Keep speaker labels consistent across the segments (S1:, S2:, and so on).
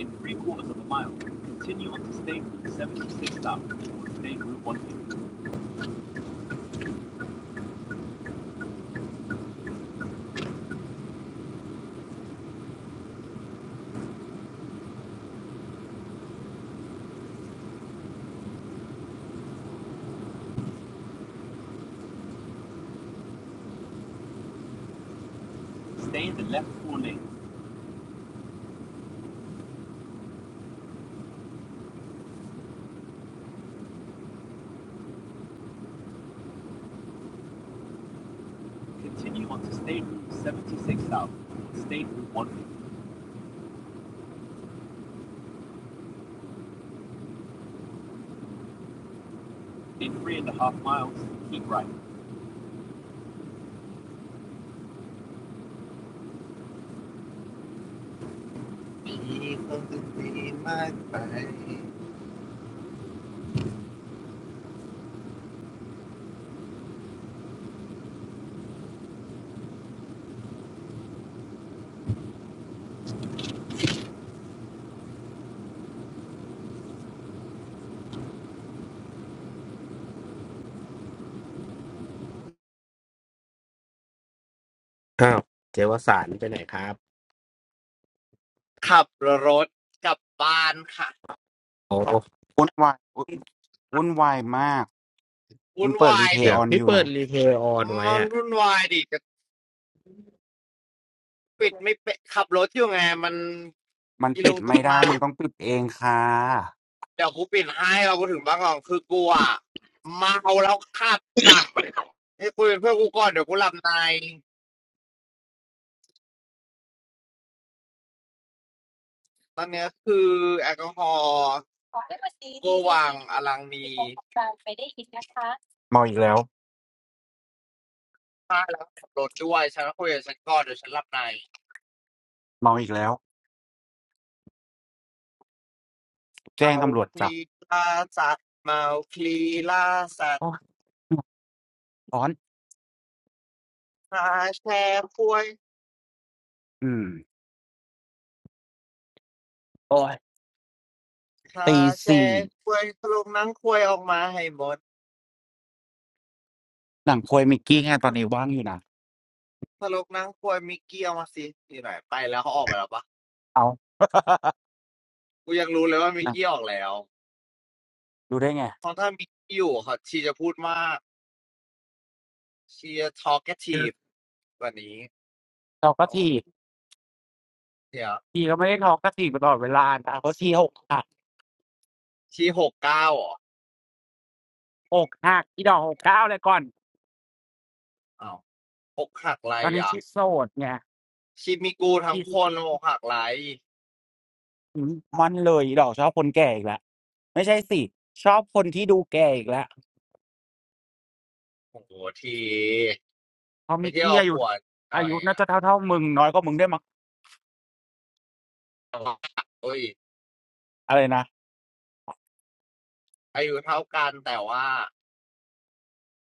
S1: in 76 p stay Route 1 t 0 Stay in the left four lane. Continue on to State Route 76 South, State Route 150. In three and a half miles, keep right. มคน
S2: อ้าวเจวสารไปไหนครับ
S1: ขับรถกลับบ้านค่ะ
S2: โอ้
S3: วุ่นวายวุ่นวุ่นวายมากมึ
S1: วุ่
S3: ง
S1: น
S3: เปิด
S1: วา
S3: รี
S1: ย
S3: เพย์
S2: เดี๋
S1: ดิ
S2: ย
S3: อ
S2: ว
S3: อน
S2: พี่
S3: อยู่
S2: เปิด
S3: นะ
S2: รีเพลย์ออนไว้
S1: มัน
S2: อ่ะ
S1: วุ่นวายดิ จะปิดไม่เป็นขับรถอยู่ไงมัน
S3: มัน
S1: กีล
S3: ปิด
S1: งตุก
S3: ไม่ได้
S1: นาง
S3: มึงต้องปิดเองค่ะ
S1: เดี๋ยวกูปิดให้เราก็ถึงบ้านก่อนคือกูอ่ะเมาแล้วขับจ้ะ นี่คุยเป็นเพื่อนกูก่อนเดี๋ยวกูหลับในตอนเนี้ยคือแอลกอฮอล์โกวังอลังมี
S3: เมาอีกแล้ว
S1: ถ้าแล้วขับรถด้วยฉันก็คุยกับฉันก่อนเดี๋ยวฉันหลับใน
S3: เมาอีกแล้วแจ้ง
S1: เมา
S3: ตำรวจ
S1: ค
S3: จับ
S1: ลีลาสัตว์เมาคลีลาสัตว์
S3: โอ้ยร้อน
S1: หาแชร์ควย
S3: อืมโอ้ย
S1: หา
S3: ตี
S1: แช
S3: สี่
S1: ร์ควยถลกหนังควยออกมาให้หมด
S3: หนังโควยมิกกี้ไงตอนนี้ว่างอยู่นะ
S1: ถลกหนังควยมิกกี้ออกมาสินี่หน่อยไปแล้วเขาออกไปแล้วปะ
S3: เอา
S1: กูยังรู้เลยว่า
S3: ห
S1: มิก
S3: นัง
S1: กี้ออกแล้ว
S3: ดูได้ไง
S1: เพราะถ้ามิกกี้อยู่เขาชีจะพูดมากชีจะทอล์กแกทีฟว่นนี้
S3: เราก็
S1: เอา
S3: ที
S1: เดี๋ยว
S3: ทีก็ไม่ได้ทอกก็ทีบตลอดเวลาแต่เขาทีหกหัก
S1: ชีหกเก้าอหอ
S3: หกหักที่ดอกหกเก้าเลยก่อน
S1: อ้าวอกหักไร
S3: ตอนนี้
S1: อ่ะ
S3: ชีโสดไง
S1: ชีมีกูทั้งคนอกหักไร
S3: อืมมันเลยอีดอกชอบคนแก่อีกแล้วไม่ใช่สิชอบคนที่ดูแก่อีกแล้ว
S1: โอ้โหที
S3: เพราะ
S1: ไป
S3: มิก
S1: เที่ยว
S3: กี้
S1: เอา
S3: อายุ
S1: ผัวดหน่
S3: อา
S1: อย
S3: ยุน่า
S1: นะ
S3: จะเท่าเท่ามึงน้อยกว่ามึงได้วยมั้ง
S1: โอ้ย
S3: อะไรนะ
S1: อายุเท่ากันแต่ว่า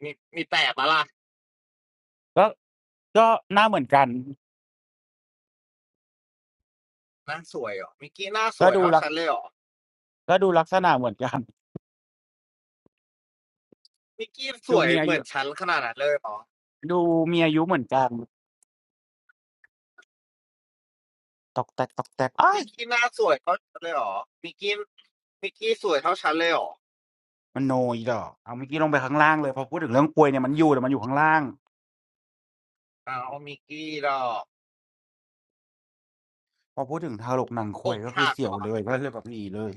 S1: มีมีแต่ปะล่ะ
S3: ก็ก็หน้าเหมือนกัน
S1: หน้าสวยอหอมิกกี้หน้าส
S3: ก็
S1: วย
S3: ดู
S1: เท่า
S3: ลัก
S1: ฉันเลยอ๋อ
S3: ก็ดูลักษณะเหมือนกัน
S1: มิกกี้ส
S3: ดู
S1: วย
S3: มีอา
S1: เหมือ
S3: ยุ
S1: นฉันขนาดนั้นเลยอ๋อ
S3: ดูมีอายุเหมือนกันตอกแตกตอกแตกอ้า
S1: มิ
S3: ย
S1: กกี้หน้าสวยเท่าฉันเลยอ๋อมิกกี้มิกกี้สวยเท่าฉันเลยอ๋อ
S3: มันโนอีดอกเอาเมิกกี้ลงไปข้างล่างเลยพอพูดถึงเรื่องควยเนี่ยมันอยู่แต่มันอยู่ข้างล่าง
S1: อ้าวมิกกี้ดอ
S3: พอพูดถึงทารกหนังค
S1: กอ
S3: วย
S1: ก
S3: ก็คือ
S1: หัก
S3: เสียว
S1: อ
S3: เลยก็เลยแบบหนีเลย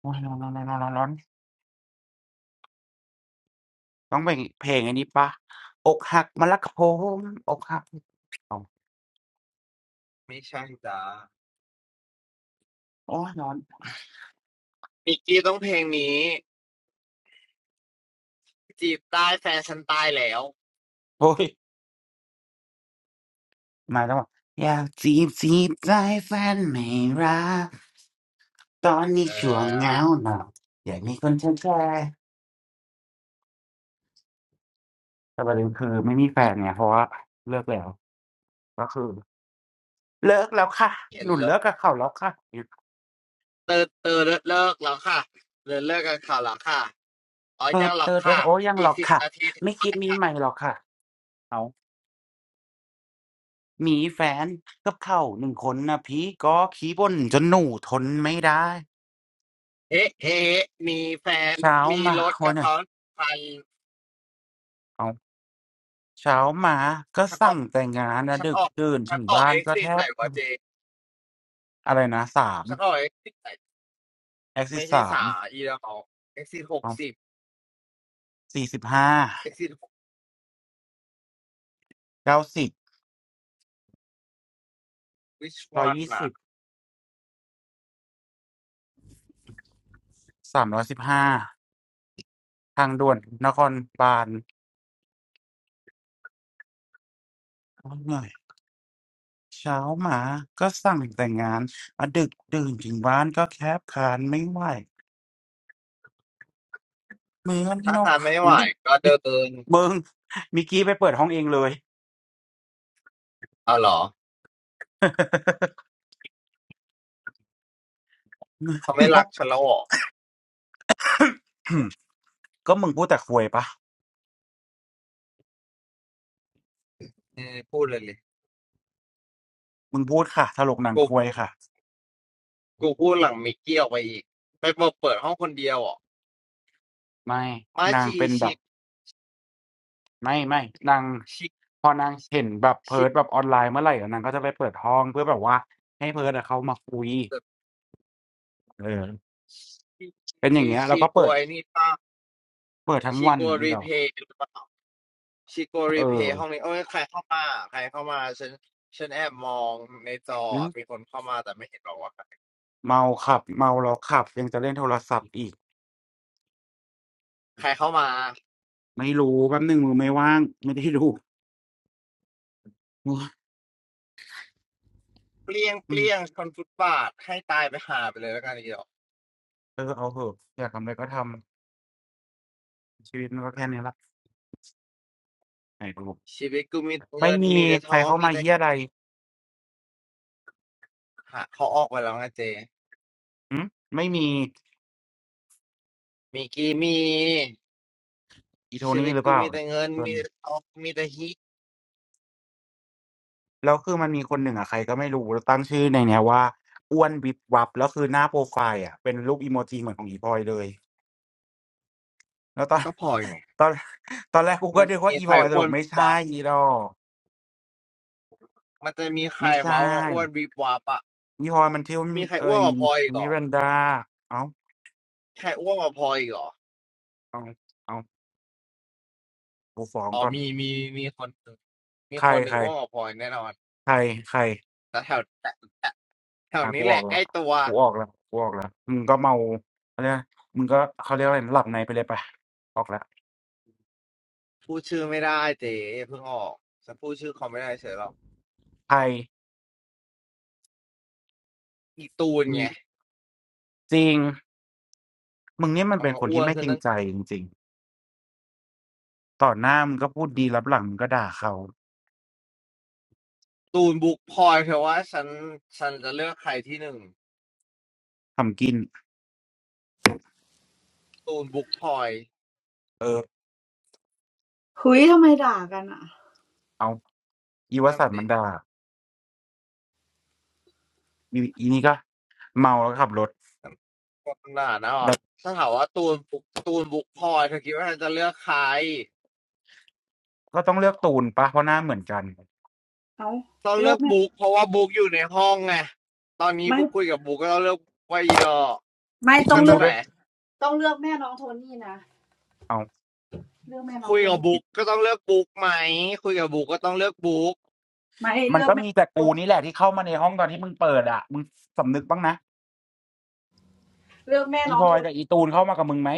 S3: โอ้ยร้อนร้อนร้อนร้อน ต้องเป็นเพลงอันนี้เปล่าอกหักมารักผมอกหักอ้าว
S1: ไม่ใช่จ้า
S3: โอ๊ยร้อน
S1: มิกกี้ต้องเพลงนี้ จีบได้แฟนฉันตายแล้ว
S3: โอ๊ยมาแล้วอะอยากจีบจีบใจแฟนไม่รักตอนนี้
S1: เอ
S3: ช่วงเห
S1: อ
S3: งาหน่อยอยากมีคนแชร์แชร์แต่ประเด็นคือไม่มีแฟนไงเพราะว่าเลิกแล้วก็คือเลิกแล้วค่ะ
S1: เห็น
S3: หนุน
S1: แล้ว
S3: เลิกกับเขาแล้วค่ะ
S1: เตอเตอเลิกเลิกแล้วค่ะเลิกเลิกกันข่าวแล้วค่ะอ๋อ
S3: เอ
S1: ยั
S3: อ
S1: งหร
S3: เอ
S1: อก
S3: อเอ
S1: ค่ะ
S3: อโอ้ยัง
S1: อี
S3: หร
S1: ก
S3: อก
S1: สิบ
S3: ค่ะ
S1: นาทีถึง
S3: ไม่คิ
S1: บ้า
S3: ด
S1: น
S3: มี
S1: ค่ะ
S3: ใหม่หรอกค่ะเอามีแฟนกับเขาหนึ่งคนนะพี่ก็ขี้บ่นจนหนูทนไม่ได้
S1: เฮ้เฮ้มีแฟน
S3: เช้า
S1: มี
S3: มา
S1: รถ
S3: วั
S1: กั
S3: น
S1: บ
S3: ไหน่ะ
S1: เขาคัน
S3: เอาเช้ามาก็
S1: ฉันอ
S3: สั่
S1: อ
S3: ง
S1: ก
S3: แต่งานนะ
S1: ฉัน
S3: ดึ
S1: อ
S3: ก
S1: อก
S3: ดื่น
S1: ฉั
S3: ถึ
S1: น
S3: ง
S1: ออก
S3: บ้าน
S1: เอ็ก
S3: ก็
S1: ซิ
S3: แท
S1: สไหน
S3: บ
S1: วะเจ
S3: อะไรนะสาม
S1: ฉันออกเอ็กซิสไหน
S3: แอคซิ
S1: ไม่
S3: ส
S1: ใช่
S3: สาม
S1: สาอีแล้วเขาเอ็กซิสหกสิบ
S3: สี่สิบห้า
S1: เอ็กซิส
S3: เก้าสิบ
S1: วิช
S3: ร้อ
S1: วั
S3: ย
S1: น
S3: ยี่
S1: น่ะ
S3: สิบสามร้อยสิบห้าทางด่วนนครบาลโอ้ยเหนื่อยเช้ามาก็สั่งแต่งงานมาดึกดื่นถึงบ้านก็แคบคานไม่ไหวเหมือน
S1: ถ้า
S3: นก
S1: ทานไม่ไหว
S3: มิ
S1: ก็เด
S3: มิ
S1: ิน
S3: มึงมิกกี้ไปเปิดห้องเองเลย
S1: เอาเหรอ
S3: เหมือ
S1: เขา
S3: น
S1: ไม่
S3: น
S1: รัก
S3: ก
S1: ฉันแล้วเหรอ
S3: ก็มึงพูดแต่ควยปะ
S1: เออพูดเลยเลย
S3: มึงพูดค่ะถลกหนัง
S1: กลุ่
S3: ค
S1: ม
S3: วยค่ะ
S1: กูพูดหลังมิกกี้ออกไปอีกไปบอกเปิดห้องคนเดียวอ่ะ
S3: ไม่
S1: มา
S3: นาง
S1: ชี
S3: เป็นแบ
S1: ชี
S3: บ ไม่ไม่นาง
S1: ชี
S3: พอนางเห็นแบบเพิ
S1: ชี
S3: ร์ดแบบออนไลน์เมื่อไหร่อะนางก็จะไปเปิดห้องเพื่อแบบว่าให้เพิร์ดอะเขามาคุย
S1: แบบ
S3: เออเป็
S1: ชี
S3: นอย่างเงี้ยแล้
S1: ชี
S3: วก็
S1: กลั
S3: เปิ
S1: ว
S3: ด
S1: ไอ้นี่ป้า
S3: เปิดทั้ง
S1: ชี
S3: วัน
S1: กลัว
S3: นะอี
S1: รี
S3: ด
S1: เพ
S3: อก
S1: ย์หรือเปล่าชีกลัว
S3: เอ
S1: รีเพ
S3: อ
S1: ย์ห้องนี้โอ้ยใครเข้ามาใครเข้ามาฉันฉันแอบมองในจอ
S3: หึ
S1: อะมีคนเข้ามาแต่ไม่เห็นหรอกว่าใคร
S3: เมาขับเมาแล้วขับยังจะเล่นโทรศัพท์อีก
S1: ใครเข้ามา
S3: ไม่รู้แป๊บหนึ่งมือไม่ว่างไม่ได้ดูโอ้ย
S1: เปลี่ยงเป
S3: อืม
S1: ลี่ยงคนฟุตบาทให้ตายไปหาไปเลยแล้วกันอีกหรอก
S3: เออเอาเถอะอยากทำอะไรก็ทำชีวิตมันก็แค่นี้ละไหนดู
S1: ชีวิตกูมี
S3: ไม่
S1: เงิน
S3: มี
S1: มีแต่
S3: ใค
S1: ท้
S3: ร
S1: อง
S3: เข้า
S1: มี
S3: มา
S1: แต่
S3: เฮียอะไร
S1: หาเขาออกไปแล้วนะเจ
S3: หือไม่มี
S1: มิกกี้มี
S3: อีโท
S1: ชีวิ
S3: นี่
S1: ต
S3: หรือ
S1: กู
S3: เปล่า
S1: มีแต่เงิน
S3: เอ
S1: มี
S3: อ
S1: แต่ทองมีแต่ฮิต
S3: แล้วคือมันมีคนหนึ่งอะใครก็ไม่รู้ตั้งชื่อในเนี้ยว่าอ้วนวิบวับแล้วคือหน้าโพรไฟล์อะเป็นรูปอีโมจิเหมือนของอีพลอยเลยแล้วตอน
S1: ก็พอไง
S3: ตอนตอนแรกกูก็
S1: มัน
S3: นึกว่า
S1: มี
S3: อี
S1: ใค
S3: พ
S1: ร
S3: ลอยส
S1: อ้ว
S3: รุป
S1: น
S3: ไม่ใช่
S1: วับ
S3: อดอก
S1: มันจะมีใคร
S3: ไม่ใช่
S1: ว้าวมาอ้วนวีบวับอะ
S3: อีพลอยมันชื่อ
S1: มีใครอ้
S3: เอ่
S1: วน
S3: ย
S1: กว่าพลอยอีกเหร
S3: มิ
S1: อ
S3: รันดาอ้าว
S1: ใครอ้วนกว่าพลอยอีกเหรอ
S3: อ้าวอ้าวกูฟ้อง
S1: อ๋อ
S3: ก่อน
S1: มีมีมีคนหนึ่งมี
S3: ใคร
S1: คนห
S3: ใค
S1: นึ่ง
S3: ร
S1: อ้วนกว่าพลอยแน่นอน
S3: ใครใคร
S1: แต่แถวแต่แต่แถว
S3: อ่า
S1: นี้
S3: กู
S1: แห
S3: ออ
S1: ละ
S3: ก
S1: ใก
S3: แล้
S1: ล้
S3: ว
S1: ตัว
S3: กูออกแล้วกูออกแล้วมึงก็เมาเขาเรียกมึงก็เขาเรียกว่าอะไรหลับในไปเลยไปะออกแล้ว
S1: พูดชื่อไม่ได้เจ๊เพิ่งออกจะพูดชื่อเขาไม่ได้เฉยหรอก
S3: ใคร
S1: อีตูน
S3: อื
S1: ไง
S3: มจริงมึงเนี่ยมัน
S1: มัน
S3: เป็น
S1: ก็
S3: คน
S1: อ้ว
S3: ที่
S1: น
S3: ไม่
S1: ขึ้
S3: จ
S1: น
S3: ริง
S1: ตั้ง
S3: ใจจริงๆต่อหน้ามึงก็พูดดีรับหลังมึงก็ด่าเขา
S1: ตูนบุกพลอยเพราะว่าฉันฉันจะเลือกใครที่หนึ่ง
S3: ทำกิน
S1: ตูนบุกพลอย
S3: เออ
S4: เฮ้ยทำไมด่ากันอ่ะ
S3: เอาอีว
S1: นั่น
S3: สันต์มั
S1: สิ
S3: นด่าอีอีนี่ก็เมาแล้วก็ขับรถ
S1: คนน่ะเนาะ
S3: แล้ว
S1: ถ้าถามว่าตูนบุ๊กตูนบุ๊กพลอยเธอคิดว่าเธอจะเลือกใคร
S3: ก็ต้องเลือกตูนปะเพราะหน้าเหมือนกัน
S4: เอ้า
S1: ต้อง
S4: เลื
S1: เลื
S4: อ
S1: อ
S4: ก
S1: ก
S4: แม่
S1: บุ๊กเพราะว่าบุ๊กอยู่ในห้องไงตอนนี้
S4: ไม่
S1: บุ๊กคุยกับบุ๊กก็ต้องเลือกว่าอีดอก
S4: ไม่ต้อ
S3: มึ
S1: ยา
S4: ง
S1: ก
S3: ง
S1: ตร
S4: เลื
S3: ดู
S1: ง
S4: อก
S1: ไห
S3: ด้
S1: น
S3: วย
S4: ต้องเลือกแม่น้องโทนี่นะ
S3: เอา
S4: เลือกแม่น้อง
S1: คุย
S4: โท
S1: กับ
S4: นี่
S3: อี
S1: บุ๊กก็ต้องเลือกบุ๊กไหมคุยกับบุ๊กก็ต้องเลือกบุ๊ก
S4: ไม่
S3: มั
S4: เลื
S3: น
S4: อก
S3: ก็
S4: แม่
S3: มี
S4: น้อ
S3: แต่
S4: งโท
S3: กู
S4: น
S3: นี่แหละที่เข้ามาในห้องตอนที่มึงเปิดอ่ะมึงสำนึกบ้างนะ
S4: เลือกแม่
S3: อี
S4: น้อ
S3: พ
S4: ง
S3: ลอ
S4: โท
S3: ย
S4: น
S3: กับอีตูนเข้ามากับมึงไหม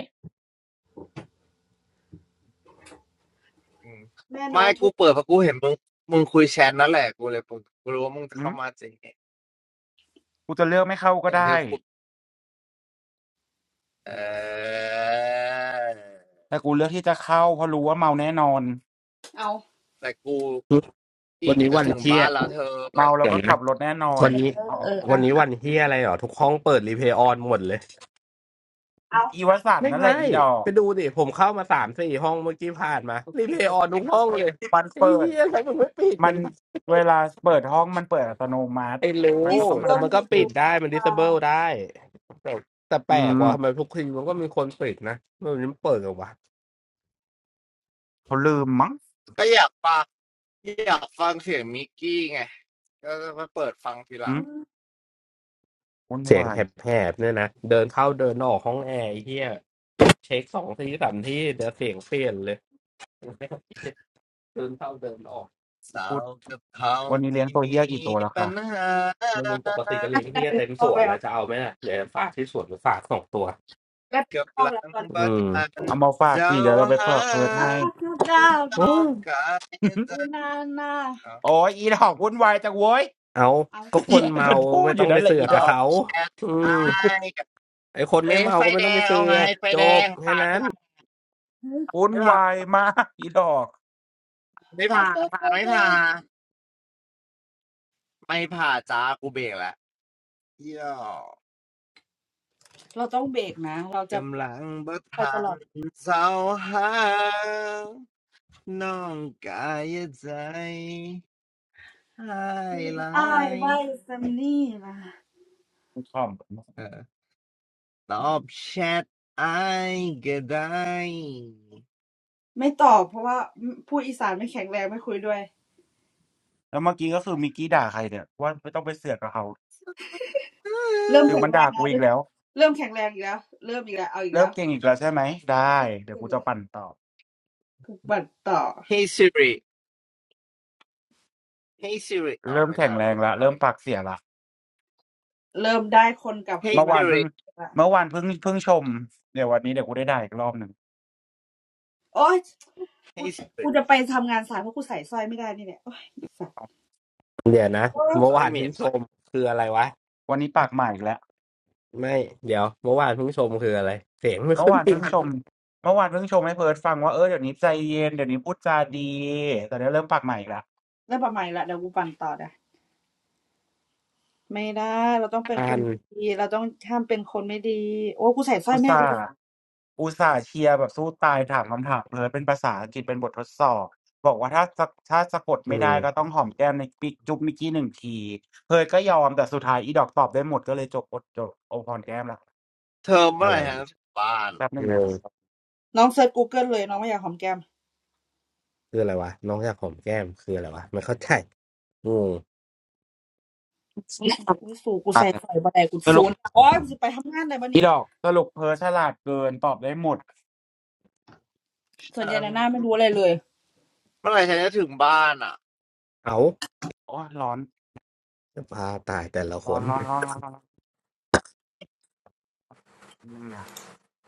S1: อืม
S4: แม่น้
S1: ไม่
S4: องโท
S1: กู
S4: น
S1: เปิดเพราะกูเห็นมึงมึงคุยแชทนั่นแหละกูเลยกูรู้ว่ามึงจะเข้ามาจริง
S3: กูจะเลือกไม่เข้าก็
S1: เห็นเธ
S3: ได้
S1: อคุยเออ
S3: แต่กูเลือกที่จะเข้าเพราะรู้ว่าเมาแน่นอน
S4: เอา
S1: แต่กู
S2: หึวั
S1: อี
S2: น
S1: ก
S2: นี้
S1: จะ
S2: วัน
S1: ถึง
S2: เฮีย
S1: บ้านแล้วเธอ
S3: เมาแล้ว
S2: เดี๋ยว
S3: ก็ขั
S2: นะ
S3: บรถแน่นอน
S2: วันนี้
S4: เออ
S3: อ๋อ
S4: เออ
S2: วั
S4: อ่ะ
S2: นนี้
S4: อ่ะ
S2: วันเฮียอะไรเหรอ ทุกห้องเปิดรีเพลย์ออนหมดเลย
S4: เอา
S3: อีวสันต์
S2: ไม่
S3: นั่นแหละ
S2: ใช่
S3: อีดอ
S2: ไป
S3: ก
S2: ดูดิผมเข้ามาสามสี่ห้องเมื่อกี้ผ่านมารีเพลย์ออนทุกห้องเลย
S3: มัน
S2: ไอ้
S3: เปิด
S2: เฮียทำไมมันไม่ปิด
S3: มั
S2: กั
S3: น
S2: น
S3: เวลาเปิดห้องมันเปิดอัตโนมัติ
S2: ไอ้
S3: มั
S2: รู้
S3: น
S4: ดิ
S3: ก็ต้
S4: สิ
S3: อง
S4: บ
S3: มา
S2: แต่
S4: อน
S3: นั่
S2: มั
S3: ง
S2: นก็
S4: ดี
S2: ปิ
S3: อี
S4: ทู
S2: ด
S3: ก
S2: ได้ มันดิ
S4: อ่า
S2: สเบิลได้แต่แต่แป
S3: อื
S2: ลก
S3: ม
S2: ว่าทำไมทุกทีมันก็มีคนปิดนะมันเปิดกันวะ
S3: เขาลืมมั้ง
S1: ก็อยากไป อยากฟังเสียงมิกกี้ไงก็มาเปิดฟังทีห
S3: อื
S1: ลั
S4: อื
S3: ม
S1: ง
S4: ม
S3: วุ่น
S2: เสียง
S3: วา
S2: แ
S3: ย
S2: หบๆเนี่ยนะเดินเข้าเดินออกห้องแอร์ไอ้เฮียเก็บเช็คสองทีสามที่เดี๋ยวเสียงเปลี่ยนเลยเดินเข้าเดินออก
S1: สา
S3: พูด
S1: วกับเขา
S3: วันนี้เลี้ยง
S1: ที่
S3: ตัว
S1: มี
S3: เฮี้ยกี่ตัวแล้ว
S1: ปั
S3: ค่ะ
S1: ญหา
S2: ไม่รู้ปกติก็เลี้
S4: น่า
S2: ยง
S4: จะ
S2: เฮีย
S4: เป็น
S2: เต็ม
S4: พ
S2: ส
S4: อก
S2: วน
S4: แล้ว
S2: แล้วจะเอาไหมล่ะเดี๋ยวฝากที่สวนหรือฝากสองตัว
S4: ได้เป็
S1: กั
S4: น
S1: บ
S4: พ
S1: ห
S4: อก
S1: ลั
S4: แล้ว
S1: ง
S4: ตอน
S1: ประ
S2: อื
S1: ท
S2: ม
S1: าน
S3: เอามาฝาก
S1: เจ้า
S3: สิเดี๋ยวเราไป
S1: หา
S3: ฝากเพิร์ด
S4: อัป
S3: ให้
S4: ปะาดาว
S1: ต้
S2: โอ้
S1: องการ จะ
S4: อุนานา
S3: โอ้ยอีดอกวุ่นวายจังเว้ย
S2: เอา
S4: เอา
S2: ก็ คน
S3: แย่ง
S2: เมา
S3: กันพู
S2: ไม่
S3: ดอ
S2: ต้อ
S3: ยู่
S2: งไป
S3: นั่นแหละ
S2: เสือ
S3: อี
S2: ก
S1: ต
S3: ด
S2: กับ
S1: อ
S3: อก
S1: บ
S2: เขา
S1: แชท
S2: อื
S1: ไอ้
S2: มไอคนไม่
S1: เอ๊ะ
S2: เมา
S1: ไฟ
S2: ก็ไม่
S1: แด
S2: ต้องไป
S1: งเอา
S2: เสื
S1: ไง
S2: อก
S1: ไฟ
S2: จ
S1: แด
S2: บ
S1: ง
S2: แค่
S1: ผ่าน
S2: นั้
S1: ไม่
S2: น
S1: ผ่าน
S4: อม
S3: วุ่น
S1: ไม่ผ่าน
S3: วายมากอีดอก
S1: ไม่
S4: อัป
S1: ผ่าน
S4: ปะค
S1: ผ่านไม่
S4: ือดา
S1: ผ่า
S4: ว
S1: นไม่ผ่านจ้ากูเบรกแล้วเยี่ยว
S4: เราต้องเบรกนะเราจะ
S1: กำลังประท
S4: ไป
S1: า
S4: ตล
S1: น
S4: อด
S1: เจ้าหา น้องกายใจให้หลา
S4: อ้าย
S1: ย
S4: ไว้แซมนี่นะ
S3: ขำ
S1: เออตอบแชทไอายก็ได้
S4: ไม่ตอบเพราะว่าอืมพูดอีสานไม่แข็งแรงไม่คุยด้วย
S3: แล้วเมื่อกี้ก็คือมิกกี้ด่าใครเนี่ยว่าไม่ต้องไปเสือกกับเขา
S4: เริ่ม
S3: หรือ
S4: แข็
S3: มั
S4: ง
S3: น
S4: แร
S3: ด่า
S4: ง
S3: กู
S4: แล้ว
S3: อี
S4: เริ่
S3: ก
S4: ม
S3: แล้ว
S4: เริ่มแข็งแรงอีกแล้วเริ่มอีกแล้วเอาอีก
S3: เริ่
S4: แล้
S3: ม
S4: ว
S3: เก่งอีกแล้วใช่ไหมได้เดี๋ยว
S4: อื
S3: กู
S4: ม
S3: จะปั่นต่อ
S4: ถูกบัตต่อ
S1: Hey Siri Hey Siri อ๋อ
S3: เริ่ม
S1: ไม่
S3: แข็
S1: ได้
S3: งแร
S1: พู
S3: ง
S1: ดขอ
S3: ละ
S1: งเขา
S3: เริ่ม
S1: อีก
S3: ปากเสียละ
S4: เริ่มได้คนกลับคื
S1: Hey
S4: น
S3: เมื่อ
S4: มา
S3: วาน
S1: Siri
S3: เพิ่ง
S4: ละ
S3: เมื่อวานเพิ่งเพิ่งชมเดี๋ยววันนี้เดี๋ยวกูได้ด่าอีกรอบหนึ่ง
S4: โอ๊ยกู
S1: Hey Siri
S4: กูจะไปทำงานสายเพราะกูใส่สร้อยไม่ได้นี่แหละโอ๊ยอีสัตว์
S3: เอา
S2: เดี๋ยวนะ
S4: เออ
S2: เมื่
S1: ซ
S2: อ
S1: อย
S2: วาน
S1: เม็
S2: เพิ่ง
S1: ด
S2: ชมคืออะไรวะ
S3: วันนี้ปากใหม่อีกแล้ว
S2: ไม่เดี๋ยวเมื่อวานเพิ่งชมคืออะไรเสียงไม่
S3: เมื่
S2: ค่
S3: อ
S2: อย
S3: วาน
S2: มี
S3: เพิ่ง ชมเมื่อวานเพิ่งชมให้เพิร์ดฟังว่าเออเดี๋ยวนี้ใจเย็นเดี๋ยวนี้พูดจาดีแต่เดี๋ยวเริ่มปากใหม่อีกแล้ว
S4: ได้ประมาณนี้และเดี๋ยวกูปั่นต่อนะไม่ได้เราต้องเป็น
S2: งา
S4: คน
S2: น
S4: ดีเราต้องห้ามเป็นคนไม่ดีโอ้กูใส่สร้อย
S3: อุต
S4: แม่ได้
S3: ส่า
S4: กู
S3: ห์อุตส่าห์เชียร์แบบสู้ตายถามคำถามเพิร์ดเป็นภาษาอังกฤษเป็นบททดสอบบอกว่าถ้าสะถ้าสะกด
S2: อื
S3: ไม่
S2: ม
S3: ได้ก็ต้องหอมแก้มในปิกจุ๊บมิกกี้หนึ่งทีเพิร์ทก็ยอมแต่สุดท้ายอีดอกตอบได้หมดก็เลยจบอดจบโอพรแก้มละ
S1: เธอเมื่อ
S2: อะ
S1: ไห
S2: ไร
S1: ร่ฉันจะถึงบ้าน
S3: แป๊บนึง
S2: ง
S3: นะ
S2: ง
S4: น้องเซิร์ช Google เลยน้องไม่อยากหอมแก้ม
S2: คืออะไรวะน้องอยากหอมแก้มคืออะไรวะไม่เข้าใจงง
S4: อุ้ยสูกู
S3: อ่ะ
S4: ใส่สร้อยบ่ได้กู
S3: ส
S4: ศู
S3: รุป
S4: นย์โอ๊ยกูสิไปทำงานได้ปะ
S3: อี
S4: นี่
S3: ดอกสรุปเพิร์ดฉลาดเกินตอบได้หมด
S4: ส่วน
S1: ฉั
S4: ใหญ่
S1: น
S4: นะหน้าไม่รู้อะไรเลย
S1: เมื่อไหร่ฉันจะถึงบ้านอ่ะ
S3: เอา
S2: เอา
S3: โอ้ยร้อน
S2: จะพาตายแต่ละค
S3: ร้อน
S2: น
S3: ร้อนร้อนร้อนร้อนบนึงนะ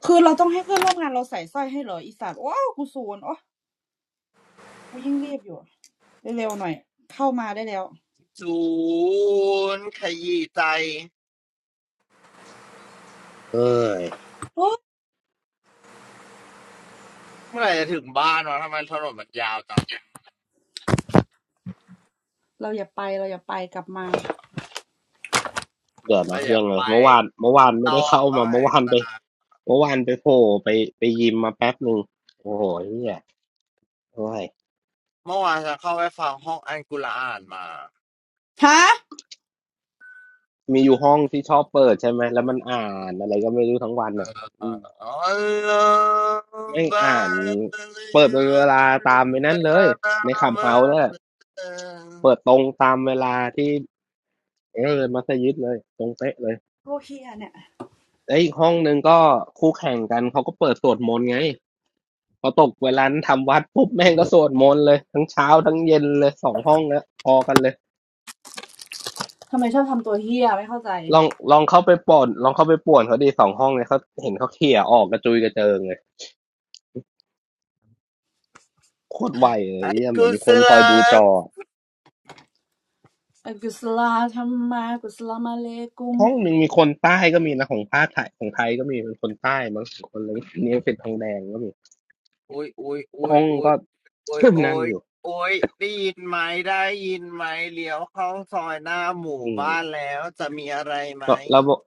S4: คือเราต้องให้เพื่อนร่วมงานเราใส่สร้อยให้เหรออีสัตว์ว้าวกูศูนย์โอ้กูยิ่งรีบอยู่เร็วๆหน่อยเข้ามาได้แล้ว
S1: จูนขยี้ใจ
S2: เอ้ย
S4: โอ้
S1: เมื่อไหร่จะถึงบ้านวะทำไมถนนมันยาวจัง
S4: เราอย่าไปเราอย่าไปกลับมา
S2: เดี๋ยว
S1: เรา
S2: นะ
S1: อยา
S2: ยั
S1: ก
S2: งไง
S1: ไป
S2: เมื่อวานเมื่อวานไม่
S1: ต่
S2: ได้
S1: อ
S2: เข้า
S1: ต้อ
S2: มา
S1: งแห
S2: เมื่อ
S1: ก
S2: วานไป
S1: ตา
S2: เมื่อวานไปโผล่ไปไปยิมมาแป๊บหนึ่งโอ้โหเนี่ยโอ้ย
S1: เมื่อวานฉันเข้าไปฟังห้องอันกุรอานมา
S4: ฮะ
S2: มีอยู่ห้องที่ชอบเปิดใช่ไหมแล้วมันอ่านอะไรก็ไม่รู้ทั้งวัน
S1: เออ
S2: อ่ะอืม
S1: อัลลอฮฺ
S2: ไม่
S1: บา
S2: อ่าน
S1: ตลิ
S2: เปิดเป็น
S1: มั
S2: เว
S1: น
S2: ลาตามไป
S1: ล
S2: นั่นเลย
S1: านา
S2: ในขับ
S1: มั
S2: เฮาส์นั่
S1: น
S2: นแหละเปิดตรงตามเวลาที่เออมัสยิดเลยตรงเป๊ะเลย
S4: โลเฮียเนี่ย
S2: แล้วอีกห้องหนึ่งก็คู่แข่งกันเขาก็เปิดสวดมนต์ไงพอตกเวลาทำวัดปุ๊บแม่งก็สวดมนต์เลยทั้งเช้าทั้งเย็นเลยสองห้องแล้วพอกันเลย
S4: ทำไมชอบทำตัวเฮียไม่เข้าใจ
S2: ลองลองเข้าไปป่วนลองเข้าไปป่วนเขาดีสองห้องเลยเขาเห็นเขาเขี่ยออกกระจุยกระเจิงเลยโคตรไวเลย
S1: อัล
S2: เหี่ยเหมือ
S1: กุ
S2: นมี
S1: ส
S2: คนคอย
S1: ลา
S2: ดูจ
S1: ม
S2: อ
S4: อักุสลาธรรมากุสลามาเลกุม
S2: ห้องหนึ่งมีคนใต้ก็มีนะของภาคไทยของไทยก็มีเป็นคนใต้มังคนอลย เนี้ยเป็นทองแดงก็มี
S1: โอ้ยโอ้ยโ
S2: ห้อง
S1: อ้ย
S2: ก็
S1: โอ้ ย
S2: ขึ้น
S1: โอ้ย
S2: นั่
S1: โอ้
S2: น
S1: ย
S2: อยู่
S1: โอ้ยได้ยินไหมได้ยินไหมเลี้ยวเข้าซอยหน้าหมู่
S2: อืม
S1: บ้านแล้วจะมีอะไรไหม
S2: แล้วแล้วเมื่อ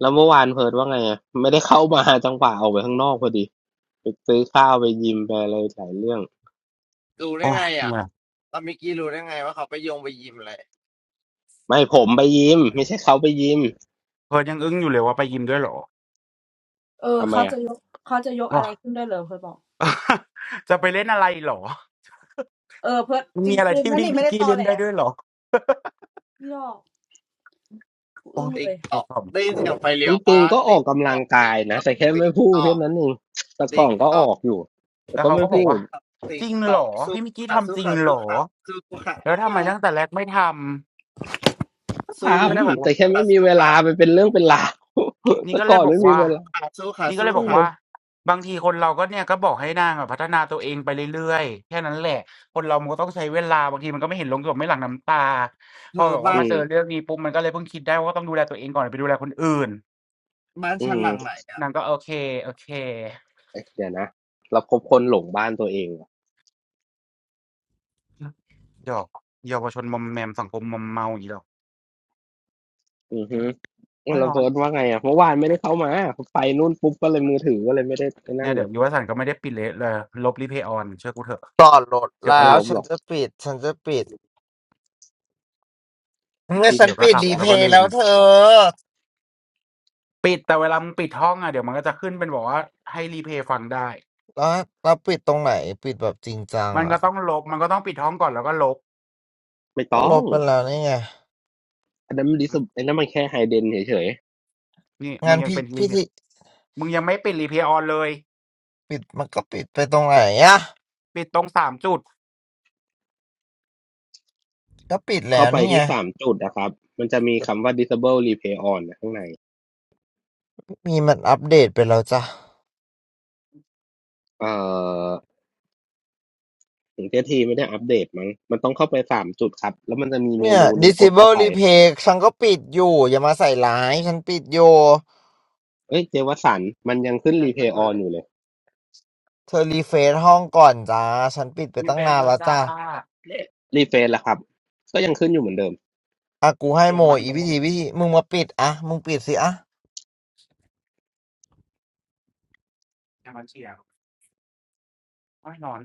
S2: แล้วเมื่อวานเพิร์ทว่าไงอะไม่ได้เข้ามาจังหวะออกไปข้างนอกพอดีไปซื้อข้าวไปยิมไปอะไรหลายเรื่อง
S1: รู้ได้
S3: โอ้ย
S1: ไงอ่ะ
S3: เนี่ย
S1: ตอนเมื่อกี้รู้ได้ไงว่าเขาไปโยงไปยิมอะไร
S2: ไม่ผมไปยิมไม่ใช่เขาไปยิม
S3: เพิร์ดยังอึ้งอยู่เลยว่าไปยิมด้วยเหรอ
S4: เออ
S2: ทำไม
S4: เขา
S2: อ่ะ
S4: จะยกเขาจะยกอะ
S3: ว้า
S4: ไรขึ้นได้เหรอเพื่อนบอก
S3: จะไปเล่นอะไรเหรอ
S4: เออเพื่อน
S3: มัน
S4: จร
S3: มีอะไร
S4: ิง
S3: ที่
S4: ๆนั่น
S3: พี่
S4: นี่
S3: พิ
S4: ไม่
S3: ง
S4: ได้
S3: กี้
S4: ตอ
S3: เล่น
S4: แหละ
S3: ได้ด้วยเหรอ
S4: พี่ดอกกู
S3: โอ้
S4: อึ้
S3: ย
S4: งเล
S1: ติ๊ก
S4: ย
S1: ต
S3: ก
S1: อก
S3: ข
S1: ได้ยินเสียงไฟ
S2: จ
S1: เลี้ยว
S2: ริง
S1: ปะ
S2: ๆก็ออ
S1: ติ๊ก
S2: กกำ
S1: ต
S2: ลั
S1: อ
S2: ง
S1: ก
S2: กา
S1: ติ๊
S2: ย
S1: กต
S2: นะ
S1: อก
S2: แต่แค่
S1: ติ๊ก
S2: ไม่พูด
S1: ตอ
S2: เท่า
S1: ก
S2: นั้นเองแต่ก่
S1: ติ๊
S2: อ
S1: ก
S2: นก็อ
S1: ต๊อก
S2: อกอยู่
S3: ำ
S2: แต่
S3: แล้ว
S2: ก็
S3: เขา
S2: ไม่
S3: ก็บอก
S1: ติ๊
S2: พู
S1: ก
S2: ด
S3: ว่า
S1: ต๊อก
S3: จ
S1: ติ๊ก
S3: ริง
S1: ต๊
S3: เหร
S1: อก
S3: อ
S1: สู้
S3: พี่มิกกี้
S1: ค่ะ
S3: ทำ
S1: สู้
S3: จริง
S1: ค่ะ
S3: เหร
S1: สู้
S3: อ
S1: ค่ะสู้ค่ะ
S3: แล้วทำไมตั้งแต่แรกไม่ทำ
S2: ก็ท
S1: สู้
S3: นี่ก็เลยบ
S1: ค่
S3: อก
S2: ำ
S3: ว่า
S2: แต่แค่ไม่มีเวลาไปเป็นเรื่องเป็น
S1: ค่ะ
S2: ราว
S3: นี่
S2: แต่
S3: ก็เล
S2: ก่อ
S3: ย
S2: น
S3: บอก
S2: ไม่มี
S1: สู้
S3: ว่า
S2: เวลา
S1: ค่ะค่ะสู้ค่ะสู้ค่ะ
S3: นี่ก็เล
S1: สู้
S3: ย
S2: เอ
S3: บอก
S1: ค่ะ
S2: อ
S3: ว่าบางทีคนเราก็เนี่ยก็บอกให้นางอะพัฒนาตัวเองไปเรื่อยๆแค่นั้นแหละคนเรามันก็ต้องใช้เวลาบางทีมันก็ไม่เห็นลงหยดไม่หลั่งน้ำตา
S1: เธ
S3: พอ
S1: อ
S3: แบบว่า
S1: บ้าน
S2: อื
S3: มาเจ
S2: ม
S3: อเรื่องนี้ปุ๊บมันก็เลยเพิ่งคิดได้ว่าต้องดูแลตัวเองก่อนไปดูแลคนอื่น
S1: บ้าน
S2: อื
S1: ชั้น
S2: ม
S1: หลังไหนอะ
S3: นางก็โอเคโอเค
S2: เอ๊ะเดี๋ยวนะเราคบคนหลงบ้านตัวเองว่ะ
S3: ดอกเยาวชนมอมแมมสังคมมอมเมาอย่างงี้เหรอ
S2: ออือฮึ
S3: โอ๊ย
S2: เรา
S3: ร้อ
S2: เฟิ
S3: น
S2: ร์สว่าไงอ่ะเมื่อวานไม่ได้เข้ามาไปนู่นปุ๊บก็เลยมือถือก็เลยไม่ได้ไอ้นั่
S3: เนี่
S2: น
S3: ย
S2: เล
S3: เดี๋ย
S2: ย
S3: วยุวสันต์ก็ไม่ได้ปิดเละเลยลบ Replay on เชื่อกูเถอะ
S1: จอดรถ
S3: เดี๋ยวก็
S1: แล้
S2: ไม่
S3: ห
S1: ว
S2: ล
S3: ลับ
S2: บห
S1: ฉั
S2: ร
S1: น
S2: อก
S1: จะปิดฉันจะปิดเมื่อ
S2: ที่
S1: ฉัน
S3: เดี๋ยวก็
S2: ขา
S1: ปิด
S3: ห
S2: ด
S3: ลับ
S1: รี
S2: แล้ว
S1: เพ
S3: แล้ว
S1: ล
S3: ก็
S1: ย์
S3: ลื
S1: แล้
S3: ม
S1: วเธอ
S3: ปิดแต่เวลามึงปิดห้องอะเดี๋ยวมันก็จะขึ้นเป็นแบอกว่าให้ Replay ฟังได้
S1: แล้วแล้วปิดตรงไหนปิดแบบจริงจัง
S3: มันก็
S1: อ่ะ
S3: ต้องลบมันก็ต้องปิดห้องก่อนแล้วก็ลบ
S2: ไม่
S1: ก็
S2: ต้
S1: ล
S2: อง
S1: บไปแล้วนี่ไง
S2: อันนั้นมันดิสไอ้นั่นมันแค่ไฮเดนเฉย
S3: หือนี่มึ
S1: งา
S3: ง
S1: น
S3: ยัง
S1: พี่
S3: เป็น
S1: พี่
S3: Replay
S1: ที่
S3: มึงยังไม่ปิด Replay on เลย
S1: ปิดมันก็ปิดไปตรงไหนอ่ะ
S3: ปิดตรงสามจุด
S1: ก็ปิด
S2: ๆ
S1: แล้
S2: เข้า
S1: ว
S2: ไป
S1: นี่ไง
S2: ที่สามจุดนะครับมันจะมี
S1: เดี๋ยว
S2: คำว่า disable replay on นะข้างใน
S1: พี่มีมันอัปเดตไปแล้วจ้ะ
S2: เอ่อถึงเจทีไม่ได้อัปเดตมั้งมันต้องเข้าไปสามจุดครับแล้วมันจะมีเม
S1: เนี่ย
S2: นูหนึ่งกดเข้า
S1: disable
S2: ไป
S1: replay ฉันก็ปิดอยู่อย่ามาใส่ร้ายฉันปิดอยู่
S2: เอ้ยเจวสันมันยังขึ้
S3: มั
S2: น
S3: นยังขึ้น
S2: replay
S3: อยู่เล
S2: on
S3: ย
S2: อยู่เลย
S1: เธอรีเฟซห้องก่อนจ้าฉันปิดไป
S3: มี
S1: ตั้
S3: เฟ
S1: ง
S3: ซ
S1: นาน
S3: แล้ว
S1: แล้ว
S3: จ้า
S1: จ้า
S2: รีเฟรชแล้วครับก็ยังขึ้นอยู่เหมือนเดิม
S1: อากูให้
S3: อ
S1: โม
S3: ย่ามัน
S1: อี
S3: โด
S1: วิ
S3: น
S1: ธีวิธีมึงมาปิดอะมึงปิดสิอะ
S3: อย่ามันเฉี่ยวโอ๊ยร้อน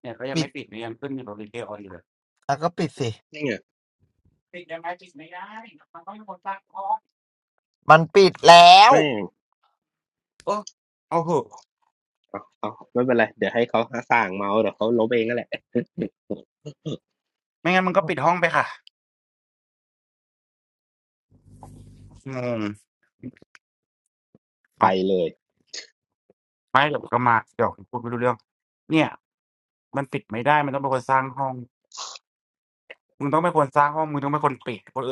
S3: เนี่ยก็ยัง
S1: ปิด
S3: ไม่ปิดเนี่ยยังขึ้นอยู่บน Replay on อยู่เลย
S1: อะก็ปิดสิ
S2: นี่ไง
S3: ปิดยังไงปิดไม่ได้มันต้องมีคนตั้งห้อง
S1: มันปิดแล้ว
S2: ไม่
S3: โอ้เอาเหอะ
S2: เอาเอาไม่เป็นไรเดี๋ยวให้เขาสร้างเมาส์เดี๋ยวเขาลบเองนั่นแหละ
S3: ไม่งั้นมันก็ปิดห้องไปค่ะงง
S2: ไป
S3: เอา
S2: เลย
S3: ไม่เดี๋ยวก็มาเดี๋ยวพูดไม่รู้เรื่องเนี่ยมันปิดไม่ได้มันต้องเป็นคนสร้างห้องมึงต้องเป็นคนสร้างห้องมึงต้องเป็นคนปิดคน